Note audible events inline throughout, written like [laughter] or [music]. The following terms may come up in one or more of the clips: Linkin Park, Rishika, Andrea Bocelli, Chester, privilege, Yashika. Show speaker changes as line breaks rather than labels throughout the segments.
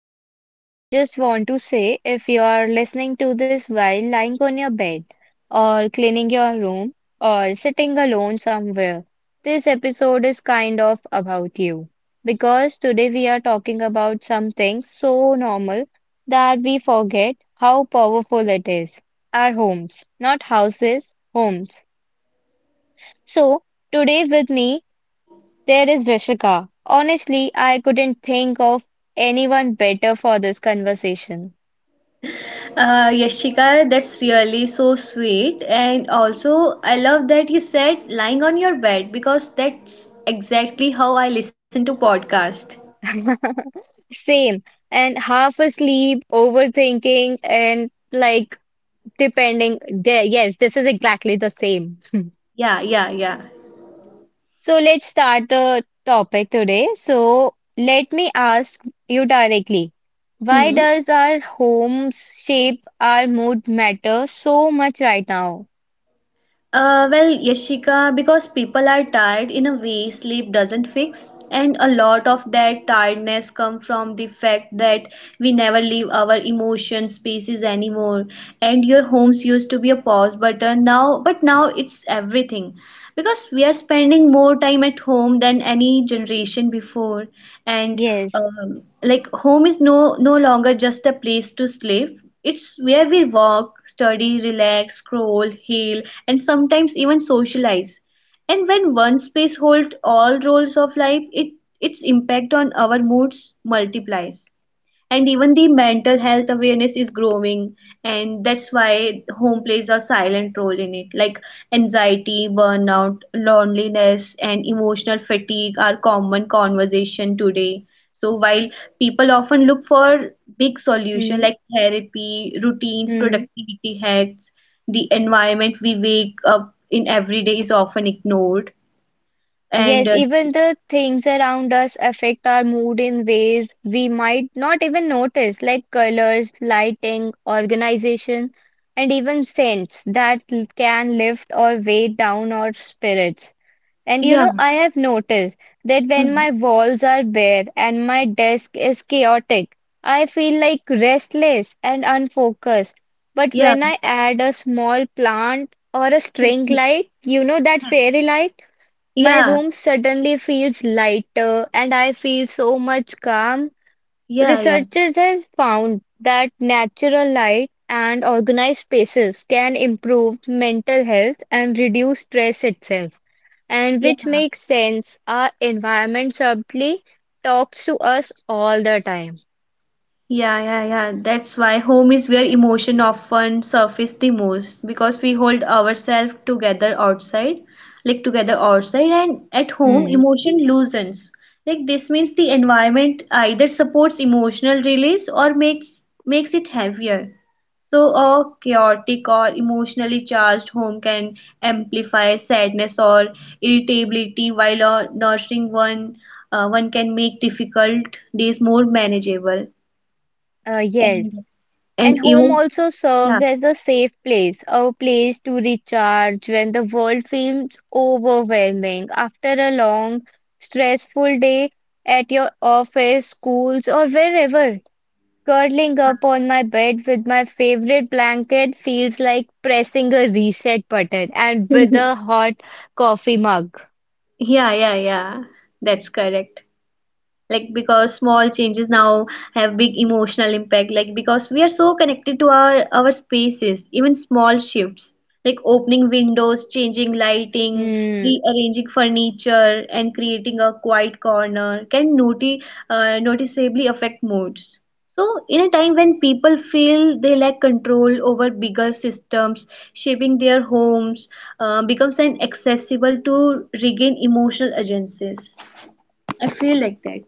we start, I just want to say if you are listening to this while lying on your bed, or cleaning your room, or sitting alone somewhere, this episode is kind of about you. Because today we are talking about something so normal that we forget how powerful it is our homes, not houses, homes. So, today with me there is Rishika. Honestly, I couldn't think of anyone better for this conversation.
Yashika, that's really so sweet. And also, I love that you said lying on your bed because that's exactly how I listen to podcast.
[laughs] Same. And half asleep, overthinking, and like depending. There, yes, this is exactly the same. [laughs]
Yeah, yeah, yeah.
So let's start the topic today. So let me ask you directly. Why
Hmm.
does our homes shape our mood matter so much right now?
Well, Yashika, because people are tired in a way sleep doesn't fix, and a lot of that tiredness come from the fact that we never leave our emotion spaces anymore. And your homes used to be a pause button now, but now it's everything, because we are spending more time at home than any generation before, and
Yes.
like home is no longer just a place to sleep. It's where we work, study, relax, scroll, heal, and sometimes even socialize. And when one space holds all roles of life, it its impact on our moods multiplies, and even the mental health awareness is growing. And that's why home plays a silent role in it, like anxiety, burnout, loneliness, and emotional fatigue are common conversation today. So while people often look for big solution
Hmm.
like therapy, routines,
Hmm.
productivity hacks, the environment we wake up in every day is often ignored. And
Yes, even the things around us affect our mood in ways we might not even notice, like colors, lighting, organization, and even scents that can lift or weigh down our spirits. And you know,
Yeah.
I have noticed that when
Hmm.
my walls are bare and my desk is chaotic, I feel like restless and unfocused. But
Yeah.
when I add a small plant or a string
[laughs]
light, that fairy light. My
Yeah, yeah,
room suddenly feels lighter and I feel so much calm.
yeah,
Researchers have found that natural light and organized spaces can improve mental health and reduce stress itself. And
yeah.
which makes sense, our environment subtly talks to us all the time.
Yeah, yeah, yeah. That's why home is where emotion often surface the most, because we hold ourselves together outside, like together outside, and at home
Hmm.
emotion loosens. Like this means the environment either supports emotional release or makes it heavier. So a chaotic or emotionally charged home can amplify sadness or irritability, while a nurturing one can make difficult days more manageable.
Yes.
And and
And home
even,
also
yeah.
serves as a safe place, a place to recharge when the world feels overwhelming after a long, stressful day at your office, schools, or wherever. Curling up on my bed with my favorite blanket feels like pressing a reset button and with a
[laughs]
hot coffee mug.
Yeah, yeah, yeah. That's correct. Like, because small changes now have big emotional impact. Like because we are so connected to our spaces, even small shifts like opening windows, changing lighting,
Hmm.
rearranging furniture, and creating a quiet corner can noticeably affect moods. So in a time when people feel they lack control over bigger systems, shaping their homes becomes an accessible to regain emotional agencies. I feel like that.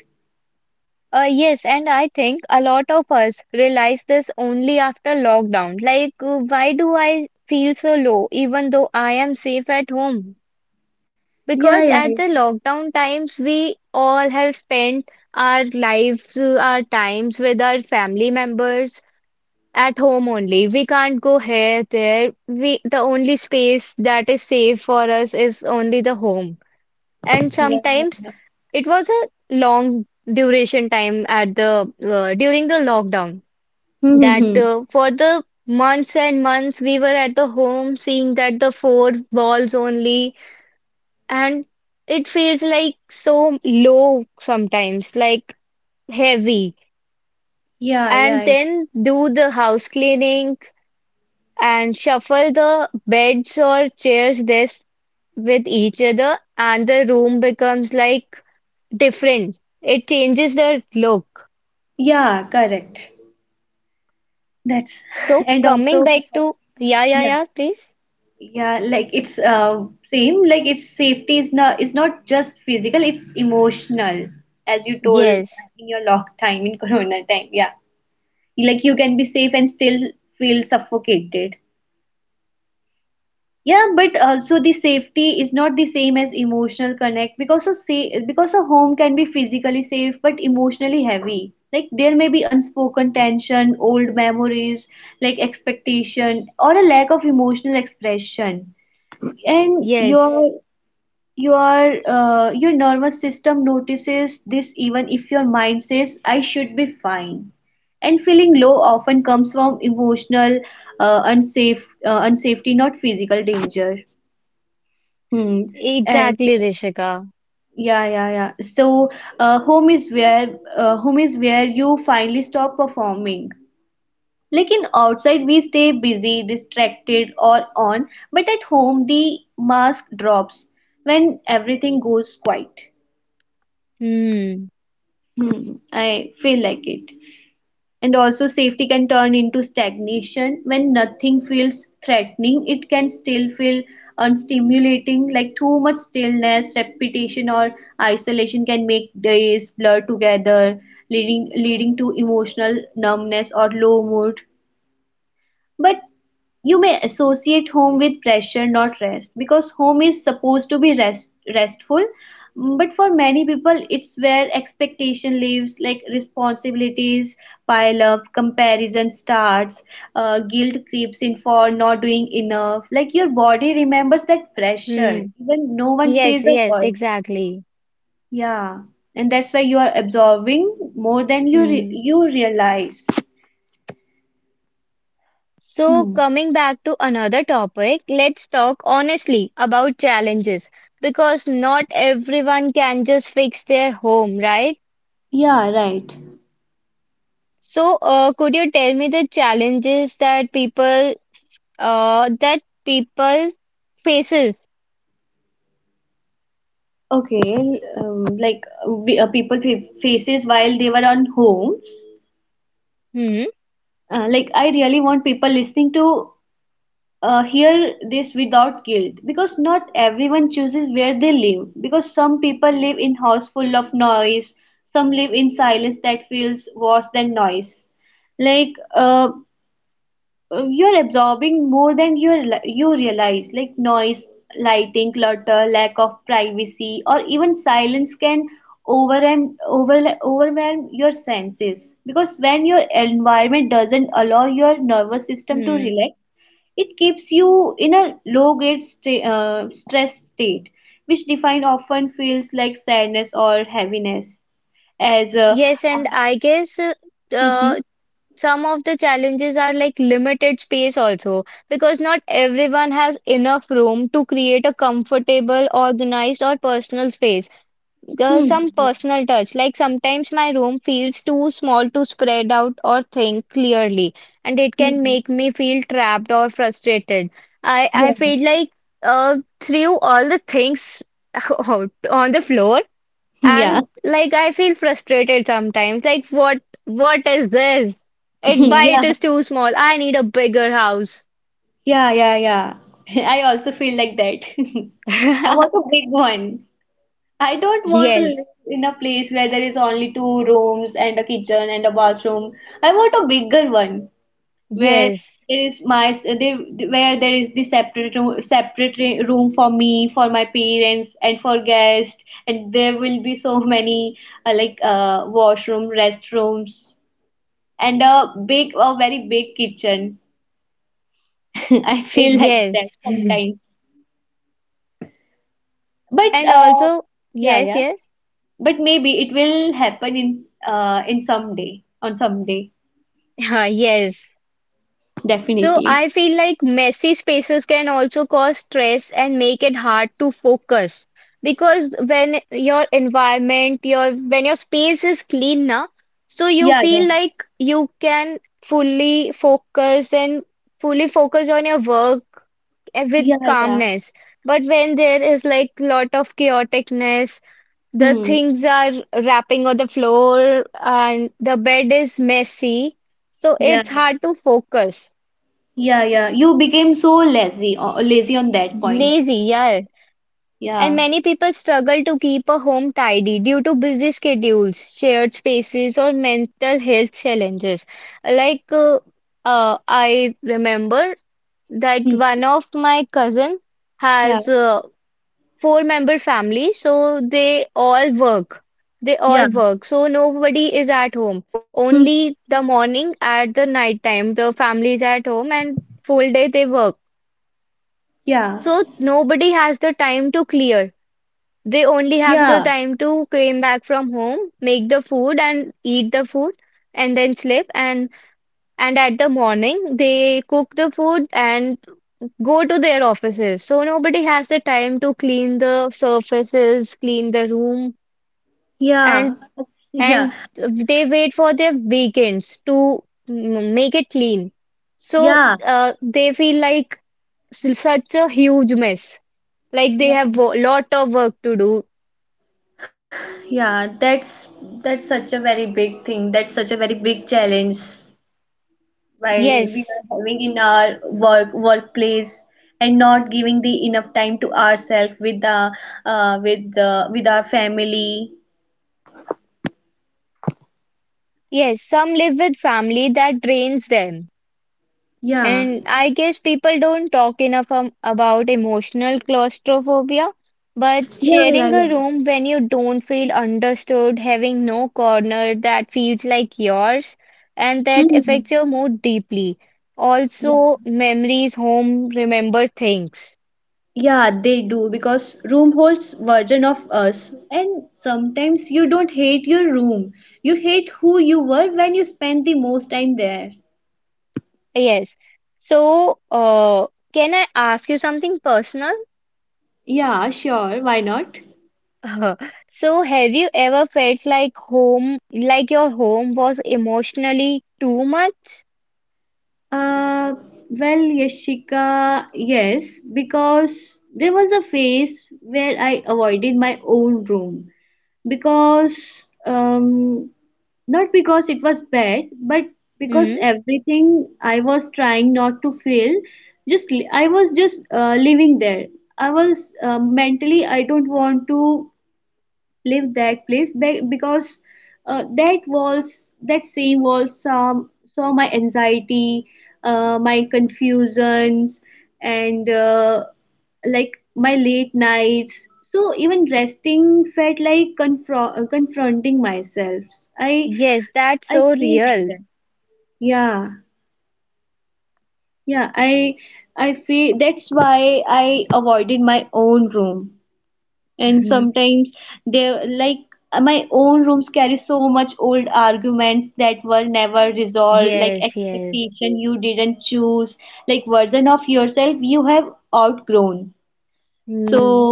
Yes, and I think a lot of us realize this only after lockdown. Like, why do I feel so low even though I am safe at home?
Yeah, yeah,
Because at the lockdown times, we all have spent our lives, our times with our family members at home only. We can't go here, there. We, the only space that is safe for us is only the home. And
yeah, yeah, yeah.
sometimes it was a long duration time at the during the lockdown that
Mm-hmm.
for the months and months we were at the home seeing that the four walls only and it feels like so low sometimes like heavy,
Yeah, yeah,
and
yeah,
then do the house cleaning and shuffle the beds or chairs desk with each other and the room becomes like different. It changes the look.
yeah, correct. That's [laughs]
So
and also
coming back
because—
to, yeah, yeah,
Yeah,
yeah, please.
yeah, like it's same, like it's safety is not just physical, it's emotional, as you told
Yes,
in your lock time in [laughs] Corona time. Yeah, like you can be safe and still feel suffocated. Yeah, but also the safety is not the same as emotional connect, because of say because a home can be physically safe but emotionally heavy. Like there may be unspoken tension, old memories, like expectation or a lack of emotional expression. And
yes,
your nervous system notices this even if your mind says I should be fine. And feeling low often comes from emotional unsafety, not physical danger. Hmm. And
exactly, Rishika.
yeah, yeah, yeah. So, uh, home is where home is where you finally stop performing. Like in outside, we stay busy, distracted, or on, but at home, the mask drops when everything goes quiet.
Hmm,
Hmm. I feel like it. And also safety can turn into stagnation when nothing feels threatening. It can still feel unstimulating, like too much stillness, repetition, or isolation can make days blur together, leading to emotional numbness or low mood. But you may associate home with pressure, not rest, because home is supposed to be restful. But for many people, it's where expectation lives, like responsibilities pile up, comparison starts, guilt creeps in for not doing enough. Like your body remembers that
hmm.
pressure, even no one
Yes,
says a
yes,
word.
exactly.
Yeah, and that's why you are absorbing more than you re
Hmm.
you realize.
So
Hmm.
coming back to another topic, let's talk honestly about challenges because not everyone can just fix their home, right?
Yeah, right.
So, could you tell me the challenges that people, that people faces?
Okay, like people faces while they were on homes.
Hmm,
Like I really want people listening to hear this without guilt, because not everyone chooses where they live. Because some people live in house full of noise, some live in silence that feels worse than noise. Like you're absorbing more than you realize. Like noise, lighting, clutter, lack of privacy, or even silence can overwhelm your senses, because when your environment doesn't allow your nervous system to
hmm.
relax, it keeps you in a low grade stress state, which defined often feels like sadness or heaviness as a
Yes,
uh,
and I guess
[laughs] Hmm.
uh, some of the challenges are like limited space also, because not everyone has enough room to create a comfortable, organized, or personal space.
Hmm,
Some
hmm,
personal touch, like sometimes my room feels too small to spread out or think clearly, and it can
hmm,
make me feel trapped or frustrated. I
yeah.
feel like threw all the things [laughs] out on the floor and
[laughs] Yeah.
like I feel frustrated sometimes. Like what is this? It why
[laughs]
it
Yeah.
is too small. I need a bigger house.
Yeah, yeah, yeah. [laughs] I also feel like that. [laughs] I want
[laughs]
a big one. I don't want to
Yes,
live in a place where there is only two rooms and a kitchen and a bathroom. I want a bigger one where
yes,
there is my there, where there is the separate room, separate room for me, for my parents, and for guests. And there will be so many like washroom, restrooms, and a very big kitchen. [laughs] I
eh,
feel like that
yes. [laughs]
sometimes. But
And
uh,
also,
yeah,
yes,
yeah.
yes.
But maybe it will happen in some day,
[laughs] Yes. So
definitely.
I feel like messy spaces can also cause stress and make it hard to focus because when your environment, your when your space is clean now, so you
Yeah, yeah,
feel like you can fully focus and fully focus on your work eh, with
yeah, yeah.
calmness. But when there is like lot of chaoticness, the
Hmm.
things are wrapping on the floor and the bed is messy, so
Yeah,
it's hard to focus.
yeah, yeah. You became so lazy on that point.
Lazy, yeah. And
Yeah.
many people struggle to keep a home tidy due to busy schedules, shared spaces, or mental health challenges. Like, I remember that
Hmm.
one of my cousin
Yeah,
has a four-member family, so they all work. They all
yeah.
work, so nobody is at home.
Hmm.
Only the morning at the night time, the family is at home, and full day they work.
Yeah,
So nobody has the time to clear.
yeah,
They only have the time to came back from home, make the food and eat the food and then sleep and at the morning they cook the food and go to their offices. So nobody has the time to clean the surfaces, clean the room
yeah,
and
[laughs] yeah,
and they wait for their weekends to make it clean. So
yeah,
they feel like such a huge mess. Like they
yeah.
have a lot of work to do.
Yeah, that's such a very big thing. That's such a very big challenge while we
Yes.
are having in our workplace and not giving the enough time to ourselves with our family.
Yes, some live with family that drains them.
Yeah.
And I guess people don't talk enough about emotional claustrophobia. But
Yeah, yeah,
sharing a
yeah.
room when you don't feel understood, having no corner that feels like yours, and that
Hmm.
affects your mood deeply.
Yeah,
Also, memories, home, remember things.
yeah, they do, because room holds version of us. And sometimes you don't hate your room, you hate who you were when you spent the most time there.
Yes. So, can I ask you something personal?
Yeah, sure. Why not?
[laughs] Uh, So, have you ever felt like home, like your home was emotionally too much?
Uh, well, Yashika, yes, because there was a phase where I avoided my own room, because not because it was bad, but because
Hmm?
everything I was trying not to feel, I was just living there. I was Mentally I don't want to leave that place because that was that same was saw my anxiety, my confusions, and like my late nights, so even resting felt like confronting myself. i
Yes, that's
i
so
feel like
real.
that, yeah, yeah, I feel that's why I avoided my own room. And
[laughs]
sometimes they like, my own rooms carry so much old arguments that were never resolved, like
Yes, yes.
expectation you didn't choose, like version of yourself you have outgrown. So
Hmm.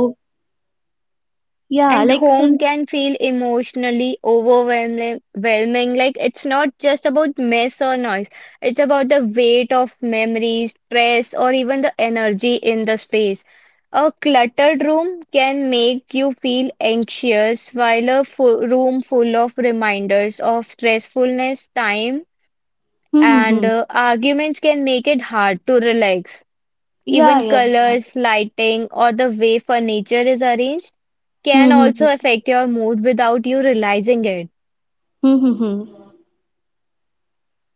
yeah,
And
like
home
some
can feel emotionally overwhelming, overwhelming. Like it's not just about mess or noise, it's about the weight of memories, stress, or even the energy in the space. A cluttered room can make you feel anxious, while a room full of reminders of stressfulness, time,
Hmm, hmm,
and
hmm.
arguments can make it hard to relax.
Yeah,
Even
yeah, yeah.
colors, lighting, or the way furniture is arranged
Hmm,
can
hmm,
also
hmm.
affect your mood without you realizing it.
Hmm, hmm, hmm.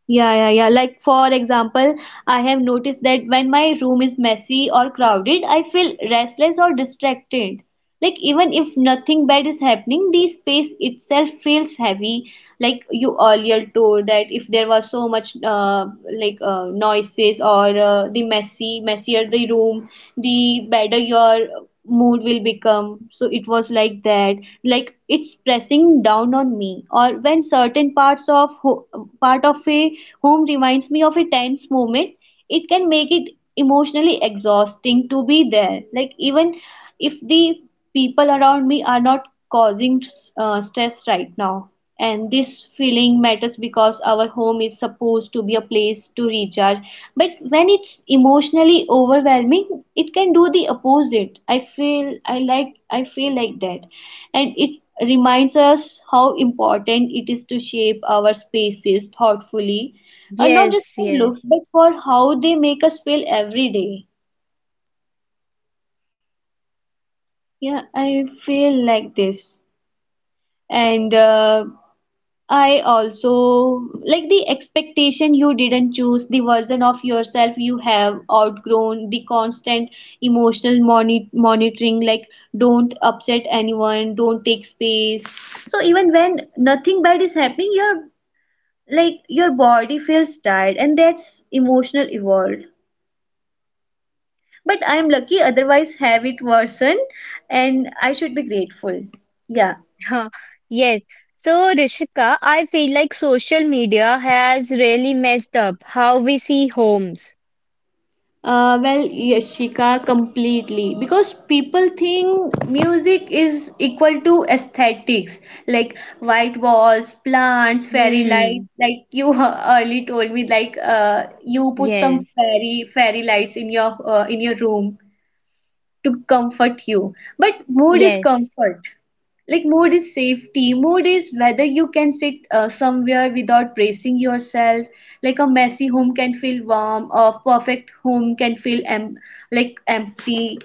Yeah, yeah, yeah. Like for example, I have noticed that when my room is messy or crowded, I feel restless or distracted. Like even if nothing bad is happening, the space itself feels heavy. Like you earlier told that if there was so much like noises, or the messy messier the room, the better your mood will become, so it was like that. Like it's pressing down on me, or when certain part of a home reminds me of a tense moment, it can make it emotionally exhausting to be there, like even if the people around me are not causing stress right now. And this feeling matters, because our home is supposed to be a place to recharge, but when it's emotionally overwhelming, it can do the opposite, I feel. I feel like that. And it reminds us how important it is to shape our spaces thoughtfully, not just
Yes,
for looks
yes.
but for how they make us feel every day. Yeah, I feel like this. And I also, like, the expectation you didn't choose, the version of yourself you have outgrown, the constant emotional monitoring, like don't upset anyone, don't take space. So even when nothing bad is happening, your like your body feels tired, and that's emotional evolved. But I am lucky, otherwise have it worsened, and I should be grateful. Yeah.
[laughs] Huh, Yes. So, Rishika, I feel like social media has really messed up how we see homes.
Well, Yashika, completely. Because people think music is equal to aesthetics, like white walls, plants, fairy light.
Hmm.
Like you [laughs] early told me, like you put some
Yes,
fairy lights in your room to comfort you. But mood is
yes.
comfort. Like mood is safety. Mood is whether you can sit somewhere without bracing yourself. Like a messy home can feel warm, a perfect home can feel empty.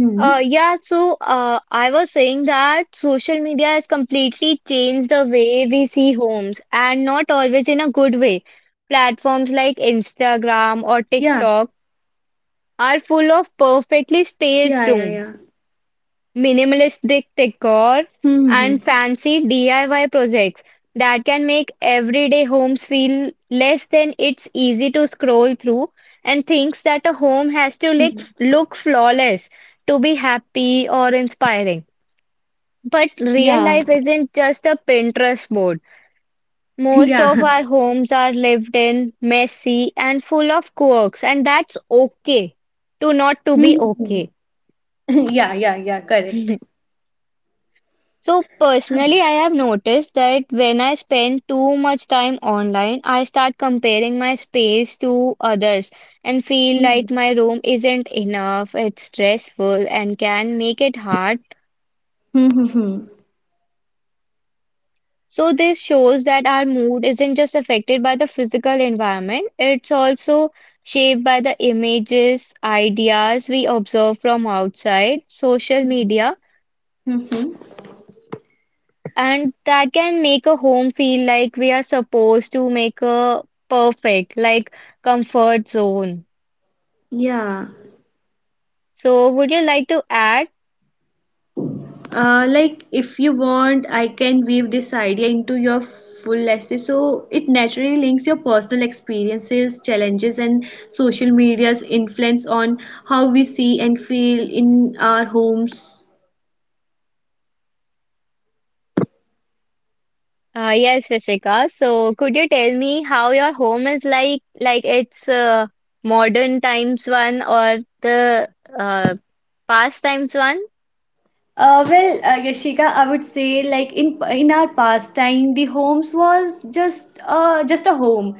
Hmm.
I was saying that social media has completely changed the way we see homes and not always in a good way.
Yeah.
Platforms like Instagram or TikTok
Yeah. Yeah.
are
Yeah.
full of perfectly staged rooms,
Hmm. Hmm,
minimalistic decor, and fancy DIY projects that can make everyday homes feel less than it's easy to scroll through and thinks
hmm.
that a
Hmm.
home has to look flawless to be happy or inspiring. But
Yeah.
real
[laughs]
life isn't just a Pinterest board. Most
Yeah.
of our homes are lived in, messy, and full of quirks, and that's okay to not to
Hmm,
be
hmm, hmm.
okay.
[laughs] Yeah. Yeah. Yeah. Correct.
[laughs] So personally, I have noticed that when I spend too much time online, I start comparing my space to others and feel like
Hmm.
my room isn't enough, it's stressful and can make it hard.
Hmm. Hmm. Hmm.
So this shows that our mood isn't just affected by the physical environment, it's also shaped by the images, ideas we observe from outside, social
Hmm.
media.
Hmm. Hmm.
And that can make a home feel like we are supposed to make a perfect, like comfort zone.
Yeah.
So, would you like to add?
Like if you want, I can weave this idea into your full essay, so it naturally links your personal experiences, challenges, and social media's influence on how we see and feel in our homes.
Yes, Rishika. So, could you tell me how your home is like? Like it's modern times one or the uh, past times one?
Well, Yashika, I would say like in our past time, the homes was just a home.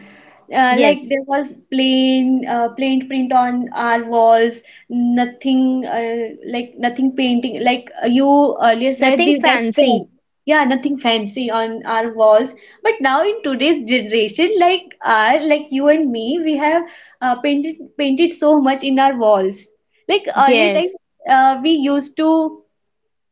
Like
Yes,
there was plain print on our walls, nothing like nothing painting. Like you earlier said,
nothing
the that fair,
fancy.
yeah, nothing fancy on our walls. But now in today's generation, like our like you and me, we have painted so much in our walls. Like earlier time,
Yes.
we used to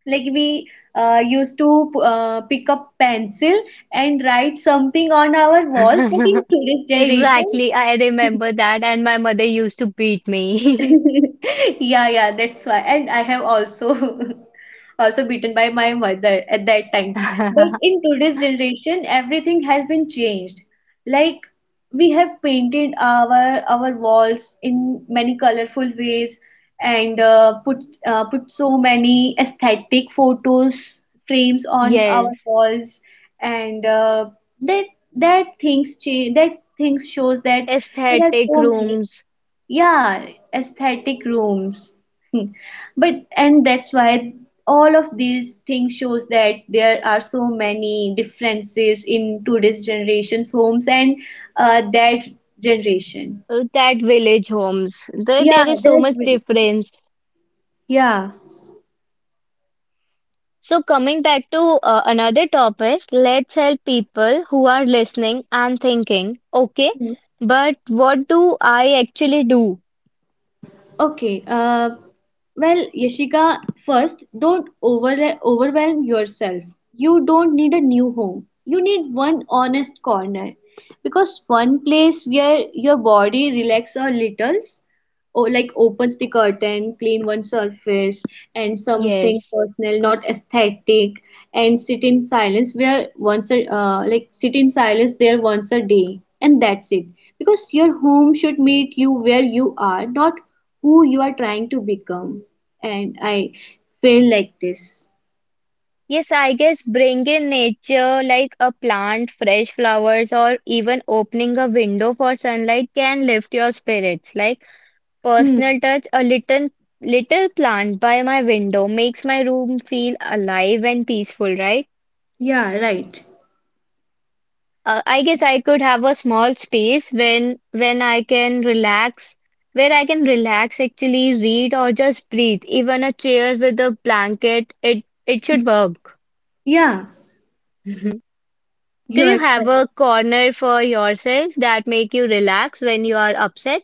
like we used to pick up pencil and write something on our walls but in
[laughs]
today's generation
Exactly. I remember that, and my mother used to beat me.
[laughs] Yeah, yeah, that's why. And I have also [laughs] also beaten by my mother at that time. But
[laughs]
in today's generation, everything has been changed. Like we have painted our walls in many colorful ways and put put so many aesthetic photos frames on our
Yes.
walls and that that things change that things shows that there are
Aesthetic
so many
rooms,
yeah aesthetic rooms but and that's why all of these things shows that there are so many differences in today's generation's homes and that generation
that village homes. There,
yeah
there is so
that
much
will
difference.
yeah.
So, coming back to another topic, let's help people who are listening and thinking, okay,
Mhm.
but what do I actually do?
Okay, well Yashika, first don't overwhelm yourself. You don't need a new home, you need one honest corner, because one place where your body relax a little. Oh, like opens the curtain, clean one surface, and something
Yes.
personal, not aesthetic, and sit in silence where once a like sit in silence there once a day, and that's it. Because your home should meet you where you are, not who you are trying to become. And I feel like this.
Yes, I guess bring in nature like a plant, fresh flowers, or even opening a window for sunlight can lift your spirits. Like,
Hmm.
personal touch, a little plant by my window makes my room feel alive and peaceful, right?
Yeah. Right.
I guess I could have a small space when I can relax, where I can relax, actually read or just breathe. Even a chair with a blanket, it should work.
Yeah.
[laughs] Do
You are
you have
correct.
a corner for yourself that make you relax when you are upset?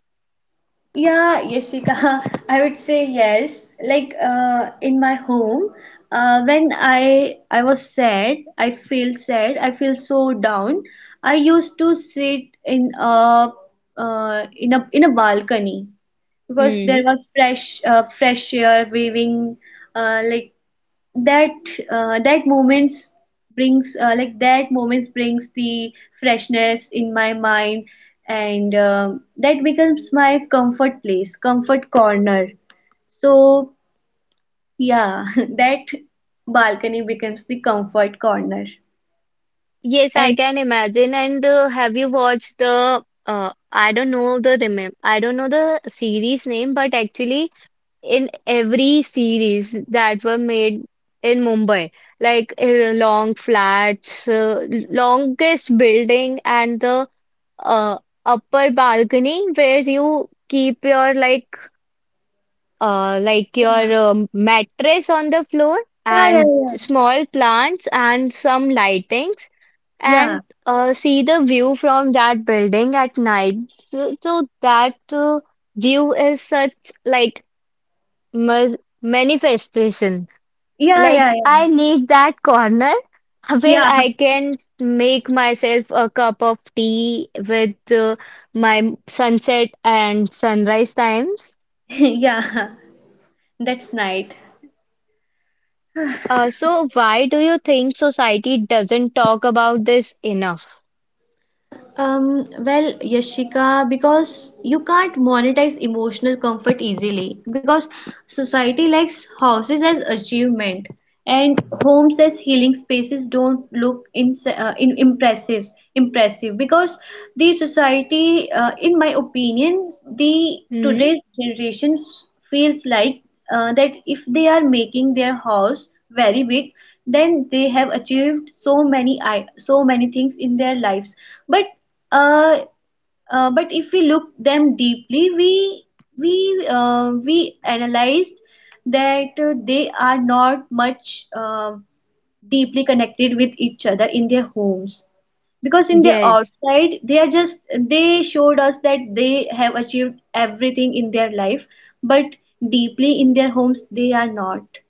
Yeah, Yashika, [laughs] I would say yes. Like in my home, when I was sad, I feel so down. I used to sit in a in a in a balcony because there
Hmm.
was fresh fresh air waving like that that moments brings like that moments brings the freshness in my mind and that becomes my comfort place, comfort corner. So yeah, [laughs] that balcony becomes the comfort corner.
Yes, I
And
can imagine. And have you watched the I don't know the remem I don't know the series name, but actually in every series that were made in Mumbai, like long flats, longest building, and the uh, upper balcony where you keep your like
yeah,
your mattress on the floor
yeah, yeah,
and small plants and some lightings
yeah,
and see the view from that building at night. So, so that view is such like mas- manifestation.
yeah, yeah,
Like
yeah,
I need that corner [laughs] where
yeah.
I can make myself a cup of tea with my sunset and sunrise times.
[laughs] Yeah, that's night.
So, why do you think society doesn't talk about this enough?
Well, Yashika, because you can't monetize emotional comfort easily, because society likes houses as achievement and homes as healing spaces don't look in impressive because the society in my opinion, the
Hmm?
today's generation feels like that if they are making their house very big, then they have achieved so many so many things in their lives. But uh, but if we look them deeply, we we analyzed that they are not much deeply connected with each other in their homes. Because in the
Yes.
outside, they are just they showed us that they have achieved everything in their life, but deeply in their homes they are not.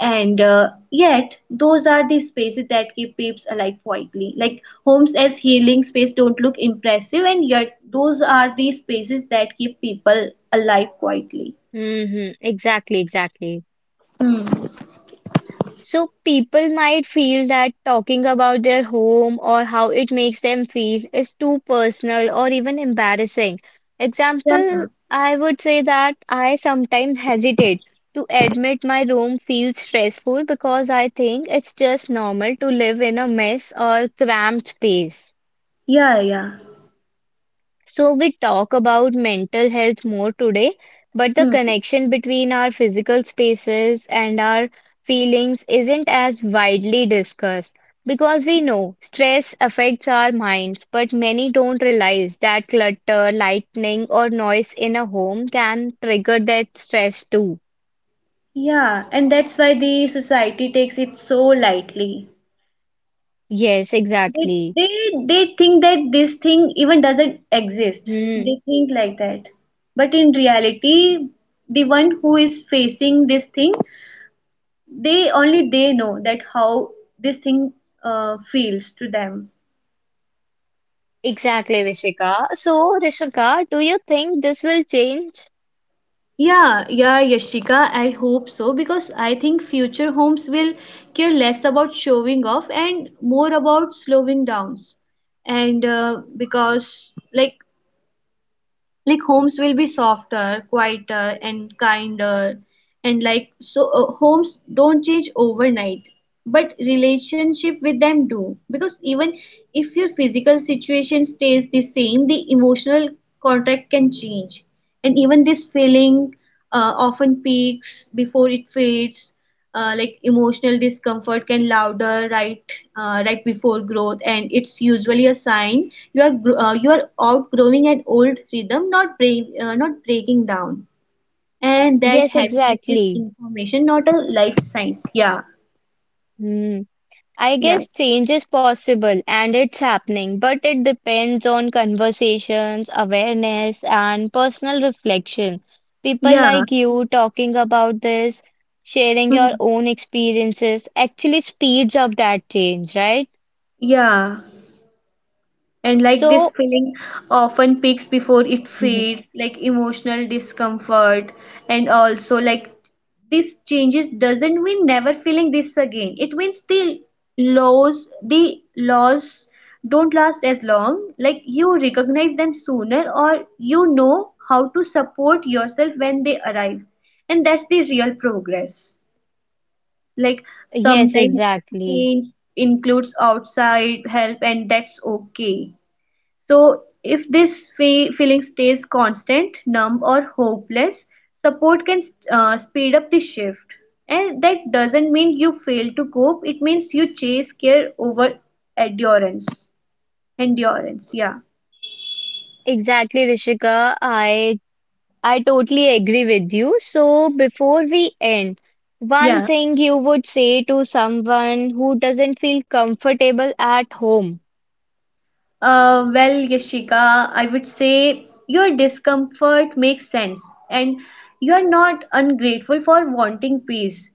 And yet those are the spaces that keep peeps alive quietly, like homes as healing space don't look impressive, and yet those are the spaces that keep people alive quietly.
Hmm. Exactly, exactly.
Hmm.
So people might feel that talking about their home or how it makes them feel is too personal or even embarrassing.
Yeah,
Example, I would say that I sometimes hesitate to admit my room feels stressful because I think it's just normal to live in a mess or cramped space.
yeah, yeah.
So we talk about mental health more today, but the
Hmm.
connection between our physical spaces and our feelings isn't as widely discussed because we know stress affects our minds, but many don't realize that clutter, lightning, or noise in a home can trigger that stress too.
Yeah, and that's why the society takes it so lightly.
Yes,
They,
exactly.
they think that this thing even doesn't exist.
Hmm.
They think like that. But in reality, the one who is facing this thing, they only they know that how this thing feels to them.
Exactly, Rishika. So, Rishika, do you think this will change?
Yeah, yeah, Yashika, I hope so, because I think future homes will care less about showing off and more about slowing downs. And because, like homes will be softer, quieter, and kinder. And like so homes don't change overnight, but relationship with them do, because even if your physical situation stays the same, the emotional contract can change. And even this feeling often peaks before it fades. Like emotional discomfort can louder right right before growth, and it's usually a sign you are outgrowing an old rhythm, not breaking down. And that
Yes,
happiness is
exactly.
information, not a life science. Yeah,
Hmm. I
yeah,
guess change is possible and it's happening, but it depends on conversations, awareness, and personal reflection. People
yeah.
like you talking about this, sharing
Hmm.
your own experiences actually speeds up that change, right?
Yeah. And like this
So,
feeling often peaks before it
[laughs]
fades, like emotional discomfort, and also like this changes doesn't mean never feeling this again. It means the lows, the loss don't last as long. Like you recognize them sooner, or you know how to support yourself when they arrive, and that's the real progress. Like
yes,
sometimes
exactly.
change includes outside help, and that's okay. So, if this feeling stays constant, numb, or hopeless, support can speed up the shift. And that doesn't mean you fail to cope, it means you chase care over endurance. Endurance, yeah.
Exactly, Rishika. I totally agree with you. So, before we end, one
Yeah.
thing you would say to someone who doesn't feel comfortable at home.
Well, Yashika, I would say your discomfort makes sense, and you are not ungrateful for wanting peace.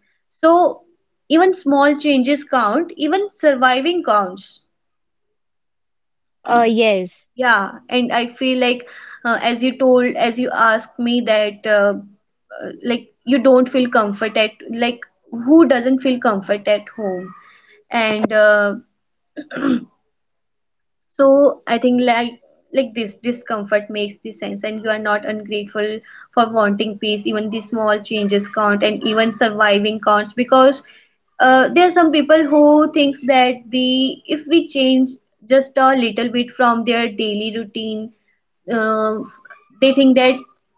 So, even small changes count, even surviving counts.
Yes,
Yeah, and I feel like as you told, as you asked me that like you don't feel comfort at like who doesn't feel comfort at home? And so I think like this discomfort makes the sense, and you are not ungrateful for wanting peace, even the small changes count and even surviving counts. Because there are some people who thinks that the if we change just a little bit from their daily routine, uh, they think that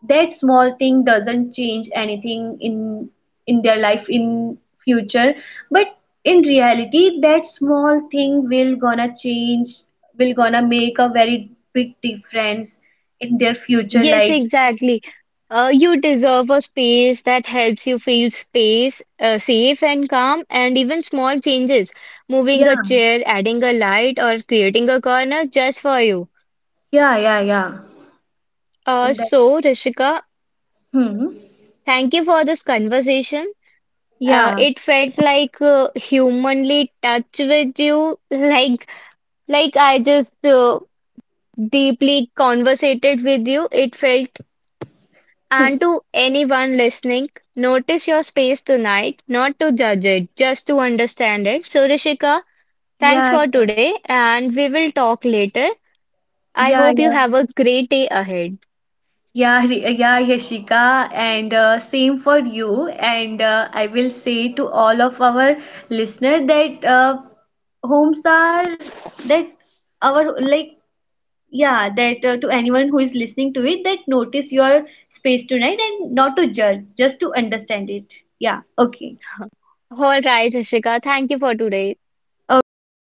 that small thing doesn't change anything in their life in future. But in reality, that small thing will gonna change, will gonna make a very big difference in their future
yes,
life.
exactly. You deserve a space that helps you feel space, safe and calm, and even small changes, moving a
Yeah,
chair, adding a light, or creating a corner just for you.
yeah, yeah, yeah.
Uh,
In that.
so, Rishika,
Hmm.
thank you for this conversation.
Yeah,
It felt like humanly touch with you, [laughs] like I just deeply conversated with you. It felt, and to anyone listening, notice your space tonight, not to judge it, just to understand it. So Rishika, thanks
yeah,
for
yeah,
today, and we will talk later. I
yeah,
hope you
yeah.
have a great day ahead.
Yeah, yeah, Yashika, and same for you. And I will say to all of our listener that homes are that our like yeah that to anyone who is listening to it, that notice your space tonight and not to judge, just to understand it. Yeah. Okay.
[laughs] All right, Rishika, thank you for today.
Okay. Thank